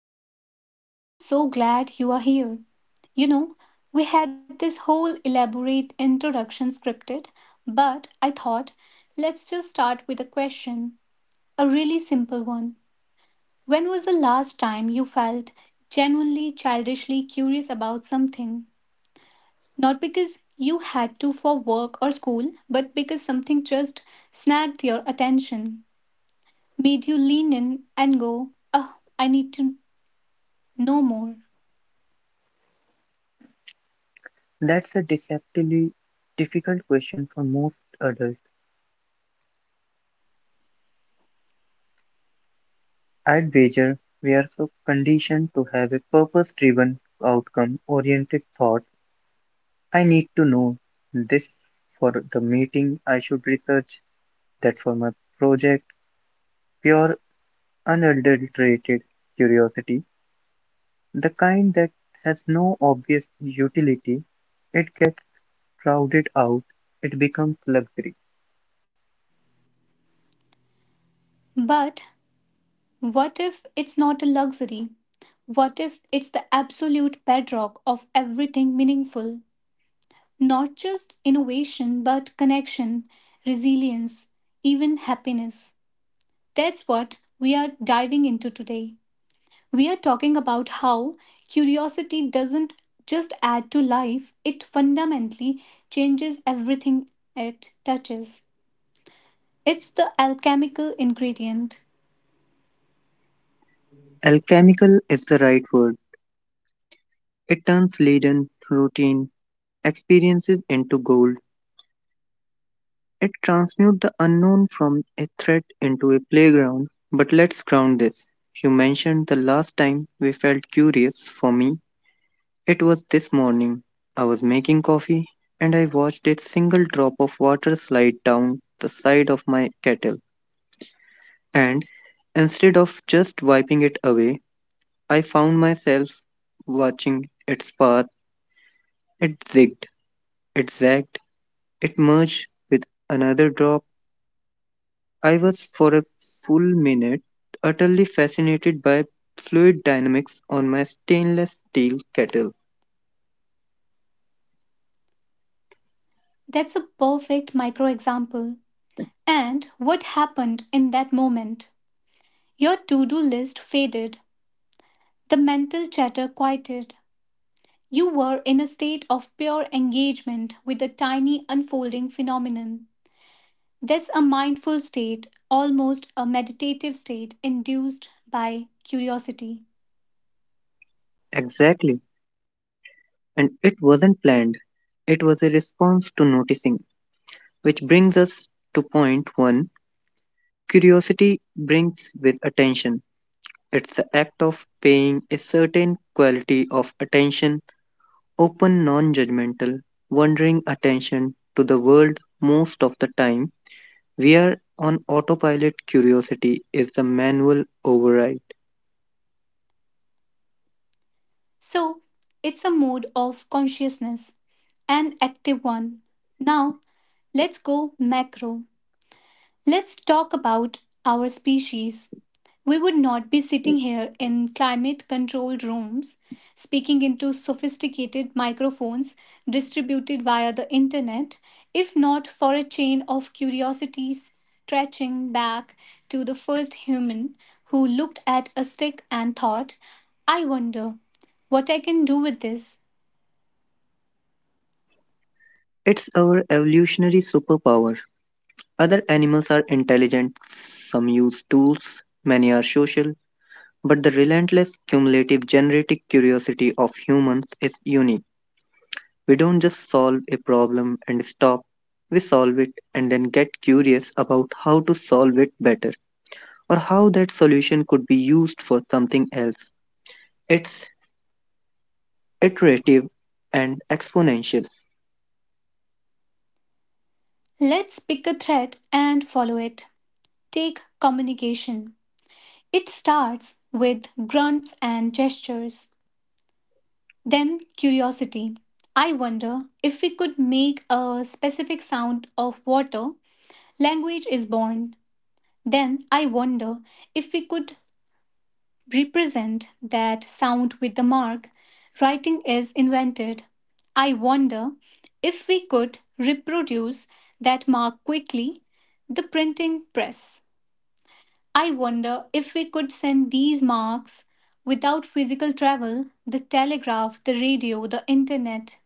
welcome. I'm so glad you are here. You know, we had this whole elaborate introduction scripted, but I thought let's just start with a question, a really simple one. When was the last time you felt genuinely childishly curious about something? Not because you had to for work or school, but because something just snagged your attention, made you lean in and go, oh, I need to know more. That's a deceptively difficult question for most adults. I'd wager we are so conditioned to have a purpose driven, outcome oriented thought. I need to know this for the meeting, I should research that for my project. Pure, unadulterated curiosity, the kind that has no obvious utility, it gets crowded out, it becomes luxury. But what if it's not a luxury? What if it's the absolute bedrock of everything meaningful? Not just innovation, but connection, resilience, even happiness. That's what we are diving into today. We are talking about how curiosity doesn't just add to life, it fundamentally changes everything it touches. It's the alchemical ingredient. Alchemical is the right word. It turns laden routine experiences into gold. It transmutes the unknown from a threat into a playground. But let's ground this. You mentioned the last time we felt curious. For me, it was this morning. I was making coffee and I watched a single drop of water slide down the side of my kettle. And instead of just wiping it away, I found myself watching its path. It zigged, it zagged, it merged with another drop I was for a full minute utterly fascinated by fluid dynamics on my stainless steel kettle. That's a perfect micro example. And what happened in that moment? Your to do list faded, the mental chatter quieted. You were in a state of pure engagement with the tiny unfolding phenomenon. That's a mindful state, almost a meditative state induced by curiosity. Exactly. And it wasn't planned. It was a response to noticing, which brings us to point one curiosity brings with attention. It's the act of paying a certain quality of attention, open non judgmental, wandering attention to the world most of the time. We are on autopilot, curiosity is the manual override. So, it's a mode of consciousness, an active one. Now, let's go macro. Let's talk about our species. We would not be sitting here in climate controlled rooms, speaking into sophisticated microphones distributed via the internet, if not for a chain of curiosities stretching back to the first human who looked at a stick and thought, I wonder what I can do with this. It's our evolutionary superpower. Other animals are intelligent, some use tools, many are social, but the relentless cumulative genetic curiosity of humans is unique. We don't just solve a problem and stop. We solve it and then get curious about how to solve it better or how that solution could be used for something else. It's iterative and exponential. Let's pick a thread and follow it. Take communication. It starts with grunts and gestures, then curiosity. I wonder if we could make a specific sound of water, language is born. Then I wonder if we could represent that sound with a mark, writing is invented. I wonder if we could reproduce that mark quickly, the printing press. I wonder if we could send these marks without physical travel, the telegraph, the radio, the internet.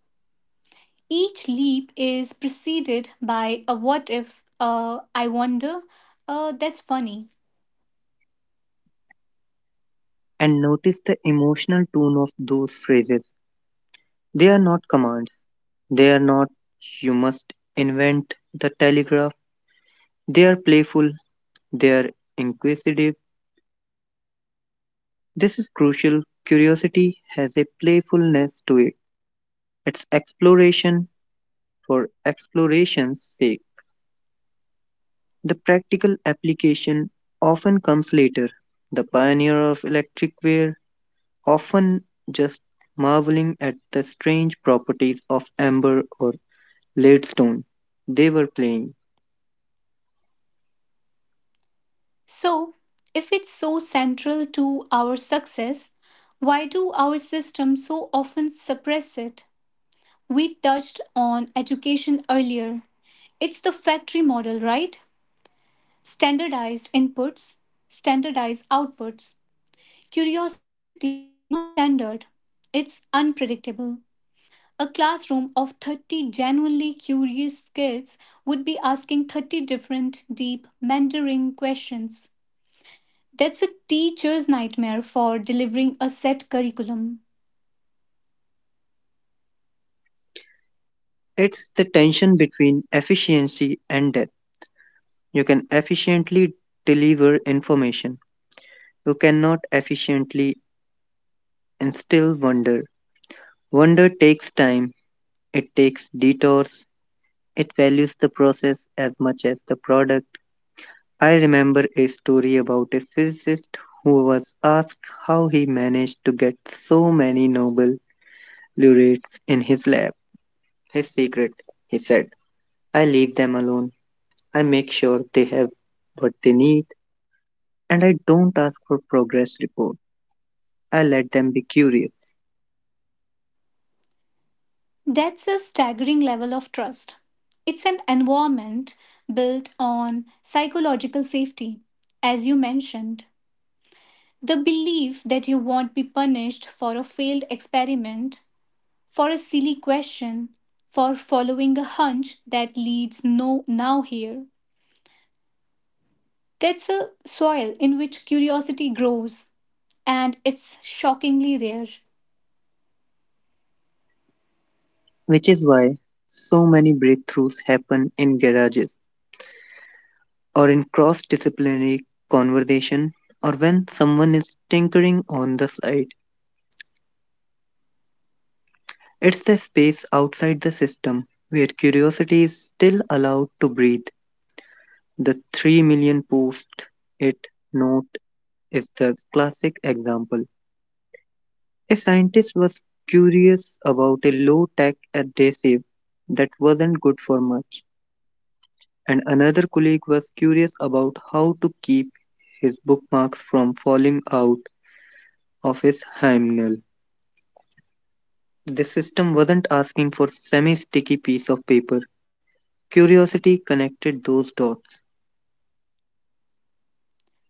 Each leap is preceded by a what if, I wonder. That's funny. And notice the emotional tone of those phrases. They are not commands. They are not you must invent the telegraph. They are playful. They are inquisitive. This is crucial. Curiosity has a playfulness to it. It's exploration for exploration's sake. The practical application often comes later. The pioneer of electric ware often just marveling at the strange properties of amber or leadstone they were playing. So, if it's so central to our success, why do our systems so often suppress it? We touched on education earlier. It's the factory model, right? Standardized inputs, standardized outputs. Curiosity is non standard, it's unpredictable. A classroom of 30 genuinely curious kids would be asking 30 different deep mentoring questions. That's a teacher's nightmare for delivering a set curriculum. It's the tension between efficiency and depth. You can efficiently deliver information. You cannot efficiently instill wonder. Wonder takes time, it takes detours, it values the process as much as the product. I remember a story about a physicist who was asked how he managed to get so many Nobel laureates in his lab. His secret, he said, I leave them alone. I make sure they have what they need, and I don't ask for progress reports. I let them be curious, That's a staggering level of trust. It's an environment built on psychological safety, as you mentioned. The belief that you won't be punished for a failed experiment, for a silly question, for following a hunch that leads no now here. That's a soil in which curiosity grows, and it's shockingly rare. which is why so many breakthroughs happen in garages, or in cross disciplinary conversation, or when someone is tinkering on the side. It's the space outside the system where curiosity is still allowed to breathe. The 3 million post it note is the classic example. A scientist was curious about a low tech adhesive that wasn't good for much, and another colleague was curious about how to keep his bookmarks from falling out of his hymnal. The system wasn't asking for semi sticky piece of paper. Curiosity connected those dots,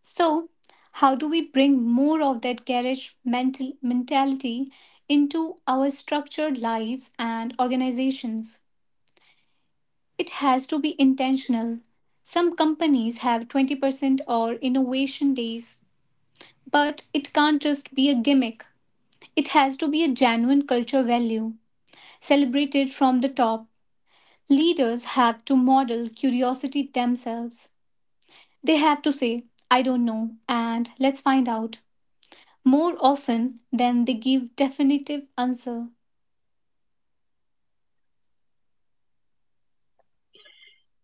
So, how do we bring more of that garish mental mentality into our structured lives and organizations? It has to be intentional. Some companies have 20% or innovation days, but it can't just be a gimmick. It has to be a genuine culture value, celebrated from the top. Leaders have to model curiosity themselves. They have to say, I don't know, and let's find out, more often than they give definitive answer.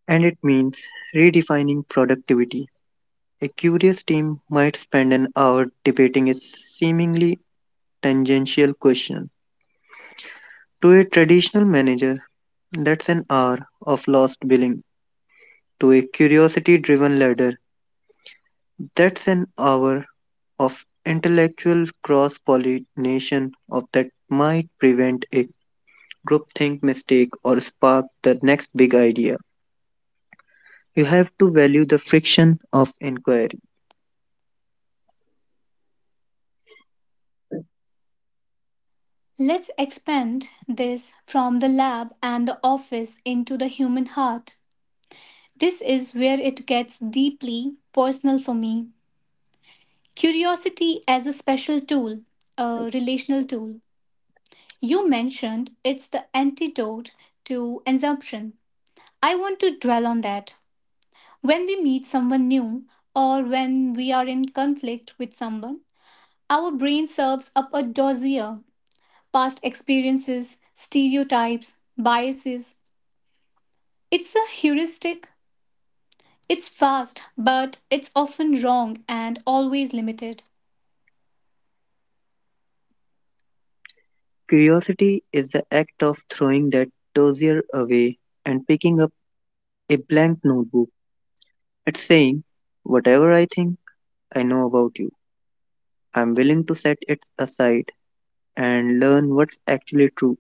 and it means redefining productivity. A curious team might spend an hour debating a seemingly tangential question. To a traditional manager, that's an hour of lost billing. To a curiosity driven leader, that's an hour of intellectual cross pollination of that might prevent a groupthink mistake, or spark the next big idea. You have to value the friction of inquiry. Let's expand this from the lab and the office into the human heart. This is where it gets deeply personal for me. Curiosity as a special tool, a relational tool. You mentioned it's the antidote to assumption. I want to dwell on that. When we meet someone new or when we are in conflict with someone, our brain serves up a dossier, past experiences, stereotypes, biases. It's a heuristic. It's fast, but it's often wrong and always limited. Curiosity is the act of throwing that dossier away and picking up a blank notebook. It's saying, whatever I think I know about you, I'm willing to set it aside and learn what's actually true.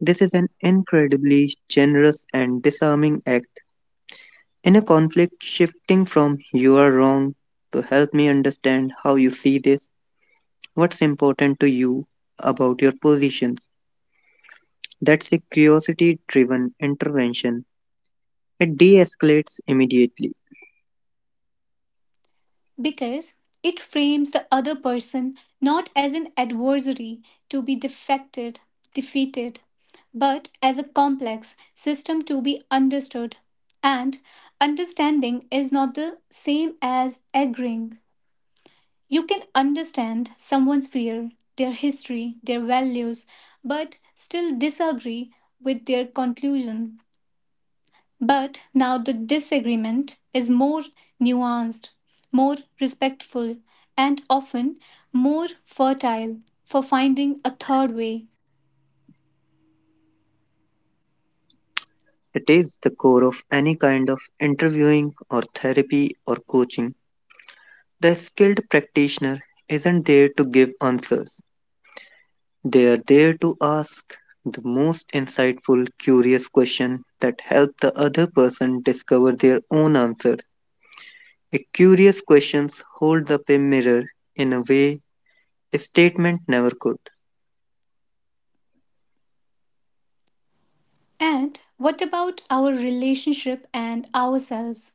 This is an incredibly generous and disarming act in a conflict shifting from you are wrong to help me understand how you see this. What's important to you about your positions? That's a curiosity driven intervention. It de escalates immediately. Because it frames the other person not as an adversary to be defeated, but as a complex system to be understood. And understanding is not the same as agreeing. You can understand someone's fear, their history, their values, but still disagree with their conclusion. But now the disagreement is more nuanced, more respectful, and often more fertile for finding a third way. It is the core of any kind of interviewing or therapy or coaching. The skilled practitioner isn't there to give answers, they are there to ask the most insightful, curious question that help the other person discover their own answers. A curious questions holds up a mirror in a way a statement never could. And what about our relationship and ourselves?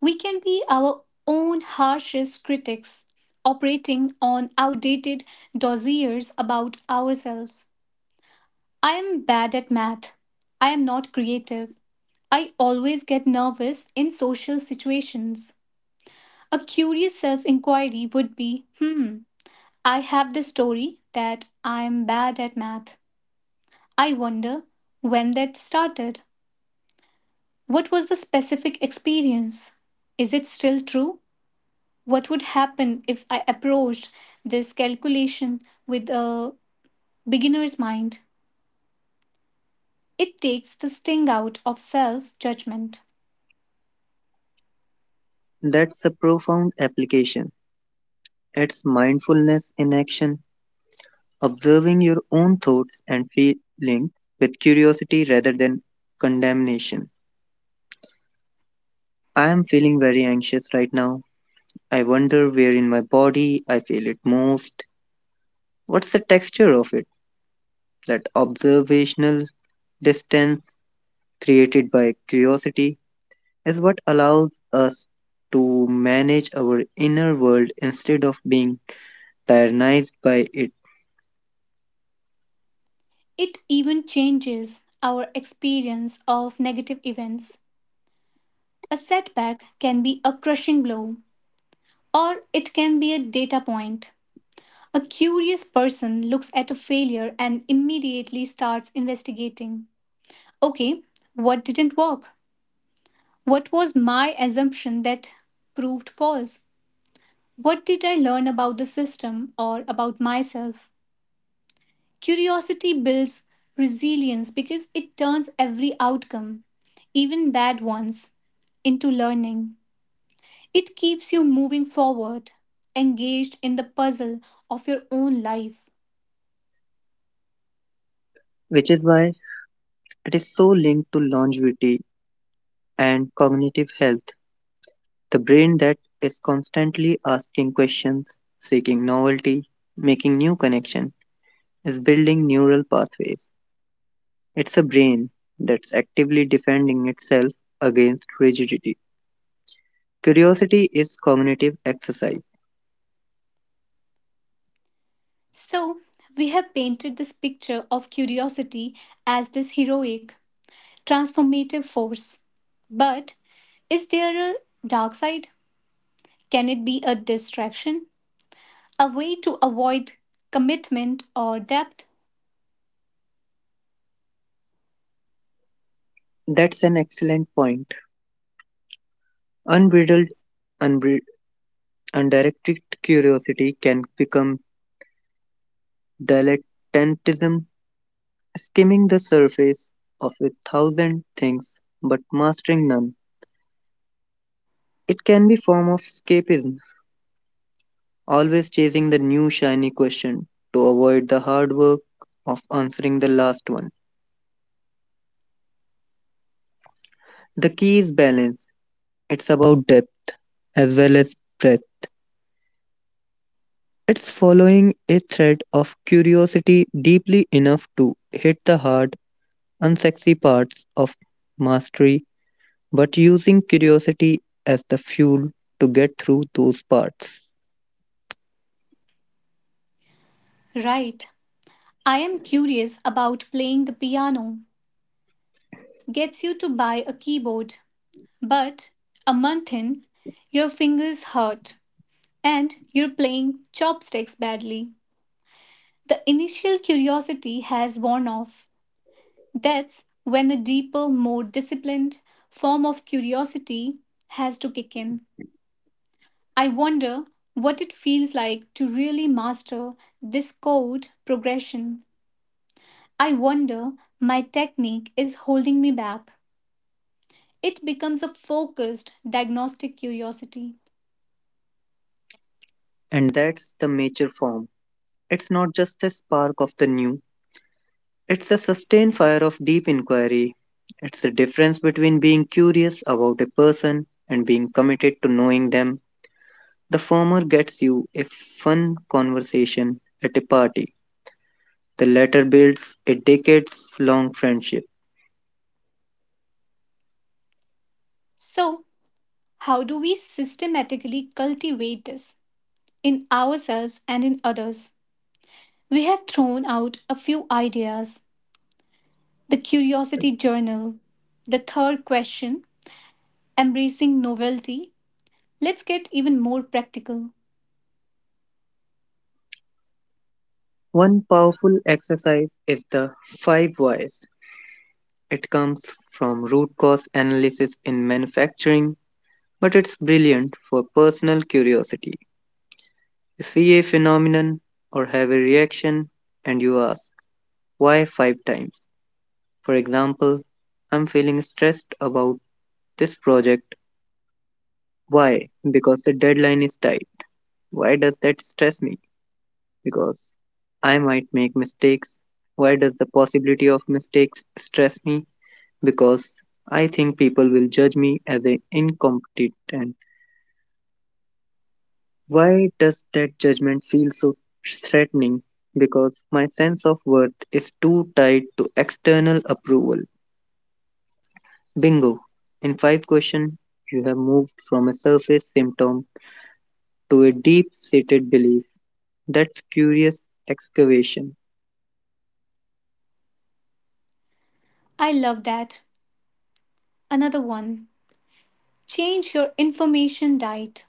We can be our own harshest critics, operating on outdated dossiers about ourselves. I am bad at math. I am not creative. I always get nervous in social situations. A curious self inquiry would be, hmm, I have this story that I'm bad at math. I wonder when that started. What was the specific experience? Is it still true? What would happen if I approached this calculation with a beginner's mind? It takes the sting out of self judgment. That's a profound application. It's mindfulness in action, observing your own thoughts and feelings with curiosity rather than condemnation. I am feeling very anxious right now. I wonder where in my body I feel it most. What's the texture of it? That observational distance created by curiosity is what allows us to manage our inner world instead of being tyrannized by it, It even changes our experience of negative events. A setback can be a crushing blow, or it can be a data point. A curious person looks at a failure and immediately starts investigating. Okay, what didn't work? What was my assumption that proved false? What did I learn about the system or about myself? Curiosity builds resilience because it turns every outcome, even bad ones, into learning. It keeps you moving forward, engaged in the puzzle of your own life. which is why it is so linked to longevity and cognitive health, the brain that is constantly asking questions, seeking novelty, making new connections, is building neural pathways. It's a brain that's actively defending itself against rigidity. Curiosity is cognitive exercise. So, we have painted this picture of curiosity as this heroic, transformative force. But is there a dark side? Can it be a distraction? A way to avoid commitment or depth? That's an excellent point. Unbridled, unbri- undirected curiosity can become dilettantism skimming the surface of a thousand things but mastering none. It can be form of escapism, always chasing the new shiny question to avoid the hard work of answering the last one. The key is balance. It's about depth as well as breadth. It's following a thread of curiosity deeply enough to hit the hard, unsexy parts of mastery, but using curiosity as the fuel to get through those parts. Right. I am curious about playing the piano, gets you to buy a keyboard. But a month in, your fingers hurt and you're playing chopsticks badly. The initial curiosity has worn off. That's when a deeper, more disciplined form of curiosity has to kick in. I wonder what it feels like to really master this chord progression. I wonder my technique is holding me back. It becomes a focused diagnostic curiosity. And that's the mature form. It's not just a spark of the new, it's a sustained fire of deep inquiry. It's the difference between being curious about a person and being committed to knowing them. The former gets you a fun conversation at a party, the latter builds a decades long friendship. So, how do we systematically cultivate this in ourselves and in others? We have thrown out a few ideas. The Curiosity Journal. The third question. Embracing Novelty. Let's get even more practical. One powerful exercise is the five whys. It comes from root cause analysis in manufacturing, but it's brilliant for personal curiosity. See a phenomenon or have a reaction and you ask why five times. For example, I'm feeling stressed about this project. Why? Because the deadline is tight. Why does that stress me? Because I might make mistakes. Why does the possibility of mistakes stress me? Because I think people will judge me as an incompetent. Why does that judgment feel so threatening? Because my sense of worth is too tied to external approval. Bingo! In five questions, you have moved from a surface symptom to a deep seated belief. That's curious excavation. I love that. Another one. Change your information diet.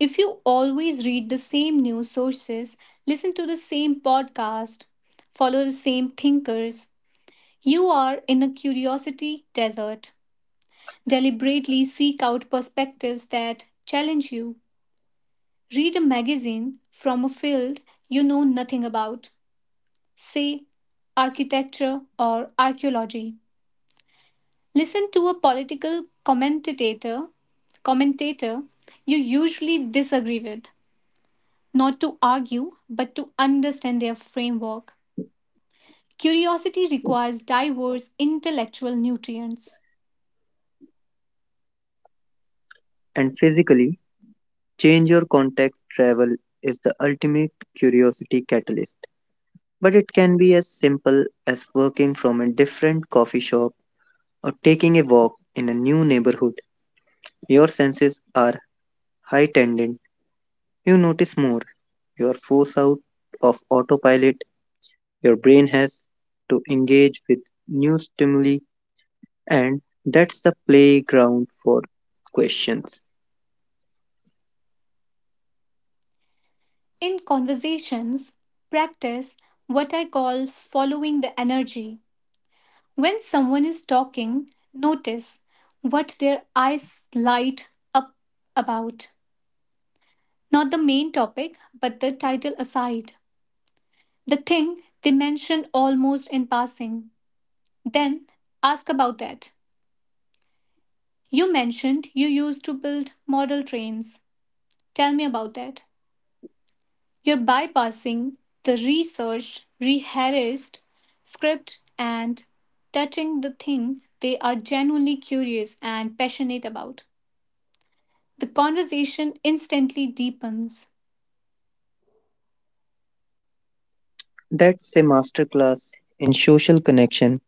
If you always read the same news sources, listen to the same podcast, follow the same thinkers, you are in a curiosity desert. Deliberately seek out perspectives that challenge you. Read a magazine from a field you know nothing about. Say architecture or archaeology. Listen to a political commentator you usually disagree with, not to argue, but to understand their framework. Curiosity requires diverse intellectual nutrients. And physically, change your context travel is the ultimate curiosity catalyst. But it can be as simple as working from a different coffee shop or taking a walk in a new neighborhood. Your senses are heightened. You notice more. You are forced out of autopilot. Your brain has to engage with new stimuli, and that's the playground for questions. In conversations, practice what I call following the energy. When someone is talking, notice what their eyes light up about. Not the main topic, but the title aside. The thing they mentioned almost in passing. Then ask about that. You mentioned you used to build model trains. Tell me about that. You're bypassing the research, rehearsed script, and touching the thing they are genuinely curious and passionate about. The conversation instantly deepens. That's a masterclass in social connection.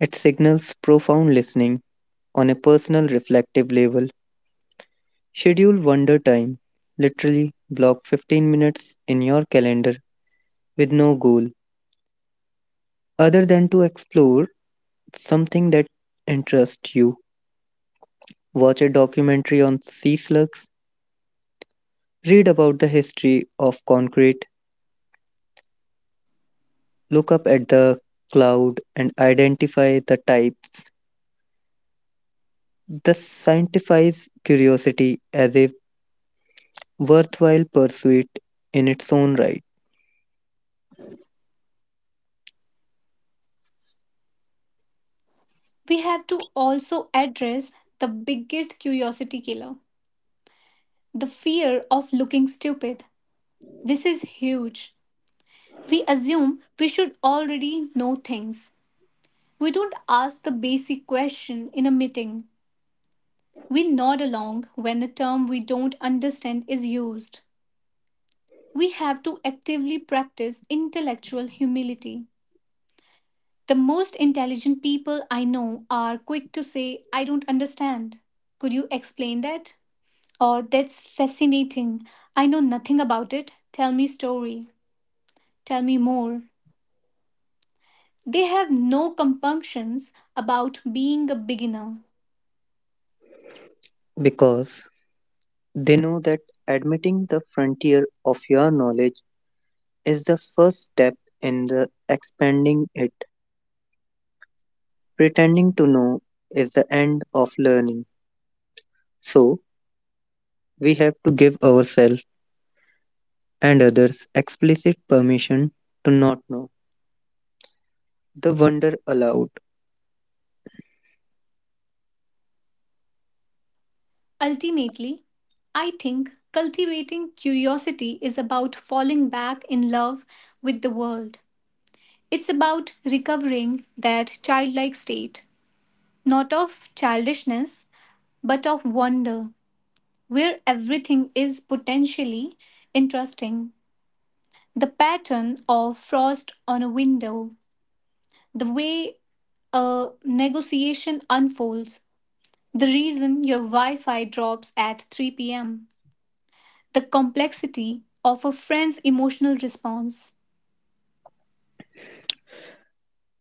It signals profound listening on a personal reflective level. Schedule wonder time. Literally block 15 minutes in your calendar with no goal other than to explore something that interests you. Watch a documentary on sea slugs, read about the history of concrete, look up at the cloud and identify the types. This scientifies curiosity as a worthwhile pursuit in its own right We have to also address the biggest curiosity killer. The fear of looking stupid. This is huge. We assume we should already know things. We don't ask the basic question in a meeting. We nod along when a term we don't understand is used. We have to actively practice intellectual humility. The most intelligent people I know are quick to say, I don't understand. Could you explain that? Or, that's fascinating. I know nothing about it. Tell me story. Tell me more. They have no compunctions about being a beginner. because they know that admitting the frontier of your knowledge is the first step in the expanding it. Pretending to know is the end of learning. So, we have to give ourselves and others explicit permission to not know. The wonder allowed. Ultimately, I think cultivating curiosity is about falling back in love with the world. It's about recovering that childlike state, not of childishness, but of wonder, where everything is potentially interesting. The pattern of frost on a window, the way a negotiation unfolds, the reason your Wi Fi drops at 3 pm. The complexity of a friend's emotional response.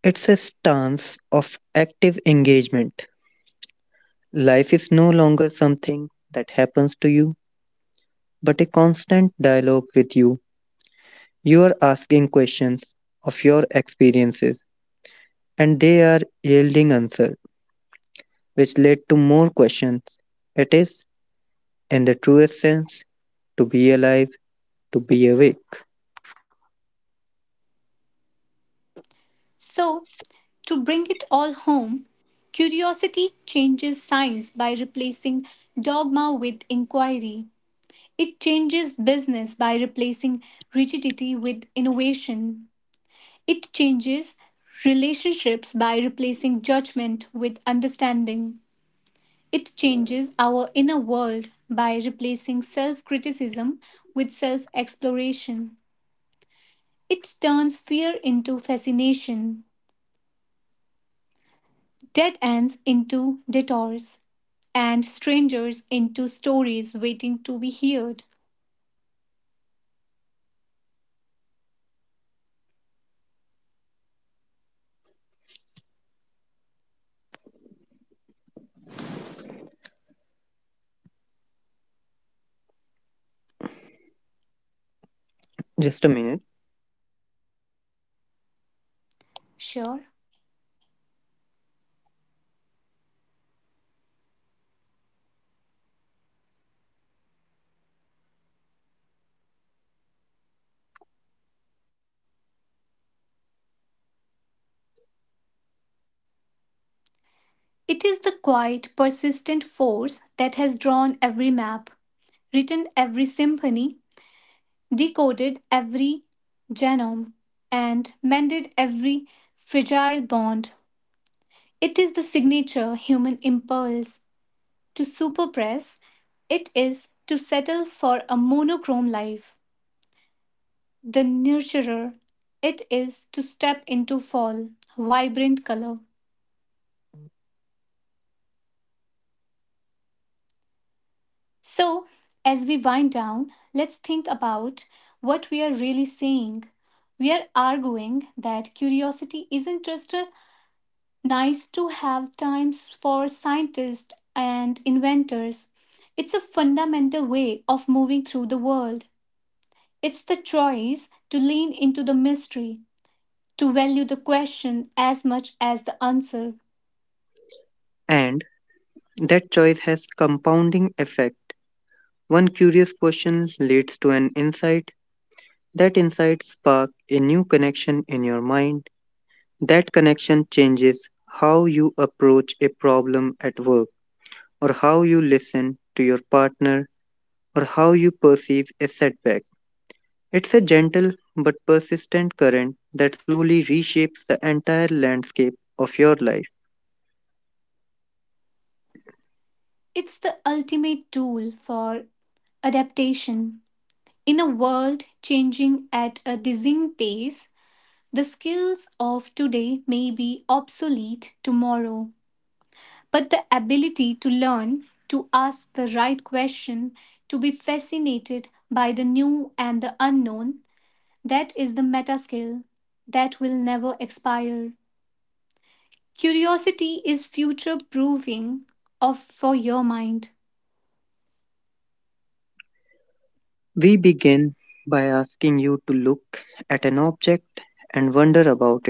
It's a stance of active engagement. Life is no longer something that happens to you, but a constant dialogue with you. You are asking questions of your experiences, and they are yielding answers, which lead to more questions. It is, in the truest sense, to be alive, to be awake. So, to bring it all home, curiosity changes science by replacing dogma with inquiry. It changes business by replacing rigidity with innovation. It changes relationships by replacing judgment with understanding. It changes our inner world by replacing self criticism with self exploration. It turns fear into fascination, dead ends into detours, and strangers into stories waiting to be heard. Just a minute. Sure. It is the quiet, persistent force that has drawn every map, written every symphony, decoded every genome, and mended every fragile bond. It is the signature human impulse to superpress. It is to settle for a monochrome life. The nurturer. It is to step into fall, vibrant color. So, as we wind down, let's think about what we are really saying. We are arguing that curiosity isn't just a nice to have times for scientists and inventors. It's a fundamental way of moving through the world. It's the choice to lean into the mystery, to value the question as much as the answer. And that choice has compounding effect. One curious question leads to an insight. That insight spark a new connection in your mind. That connection changes how you approach a problem at work or how you listen to your partner or how you perceive a setback. It's a gentle but persistent current that slowly reshapes the entire landscape of your life. It's the ultimate tool for adaptation. In a world changing at a dizzying pace, the skills of today may be obsolete tomorrow, but the ability to learn, to ask the right question, to be fascinated by the new and the unknown, that is the meta skill that will never expire. Curiosity is future proofing of for your mind. We begin by asking you to look at an object and wonder about.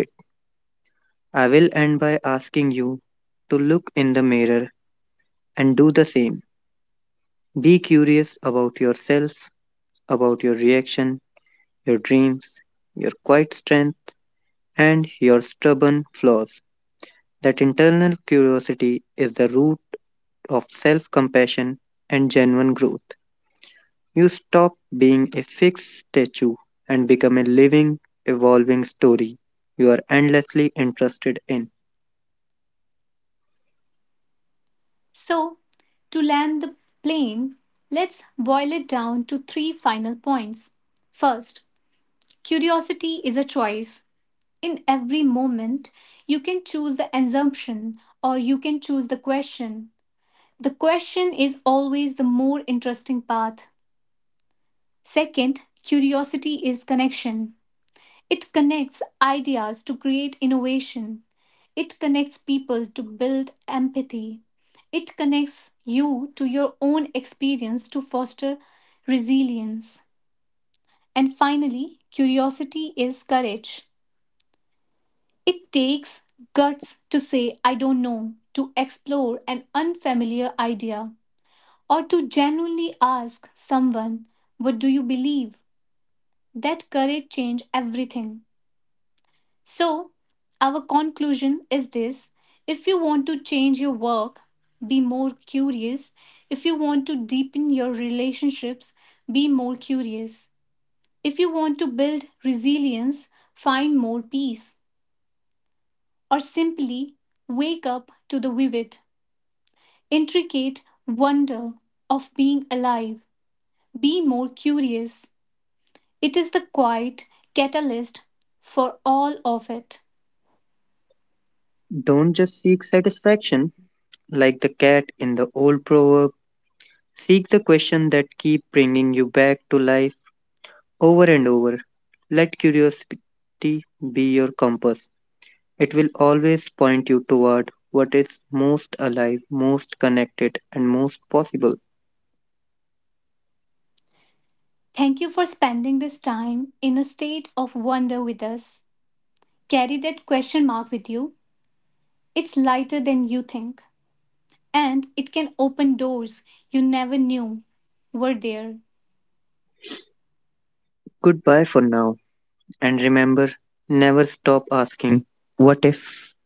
I will end by asking you to look in the mirror and do the same. Be curious about yourself, about your reaction, your dreams, your quiet strength, and your stubborn flaws. That internal curiosity is the root of self compassion and genuine growth. You stop being a fixed statue and become a living, evolving story you are endlessly interested in. So, to land the plane, let's boil it down to three final points. First, curiosity is a choice. In every moment, you can choose the assumption or you can choose the question. The question is always the more interesting path. Second, curiosity is connection. It connects ideas to create innovation. It connects people to build empathy. It connects you to your own experience to foster resilience. And finally, curiosity is courage. It takes guts to say, I don't know, to explore an unfamiliar idea, or to genuinely ask someone, what do you believe? That courage changes everything. So, our conclusion is this. If you want to change your work, be more curious. If you want to deepen your relationships, be more curious. If you want to build resilience, find more peace. Or simply wake up to the vivid, intricate wonder of being alive. Be more curious. It is the quiet catalyst for all of it. Don't just seek satisfaction, like the cat in the old proverb, seek the question that keep bringing you back to life over and over. Let curiosity be your compass. It will always point you toward what is most alive, most connected, and most possible. Thank you for spending this time in a state of wonder with us. Carry that question mark with you. It's lighter than you think, and it can open doors you never knew were there. Goodbye for now, and remember, never stop asking, what if?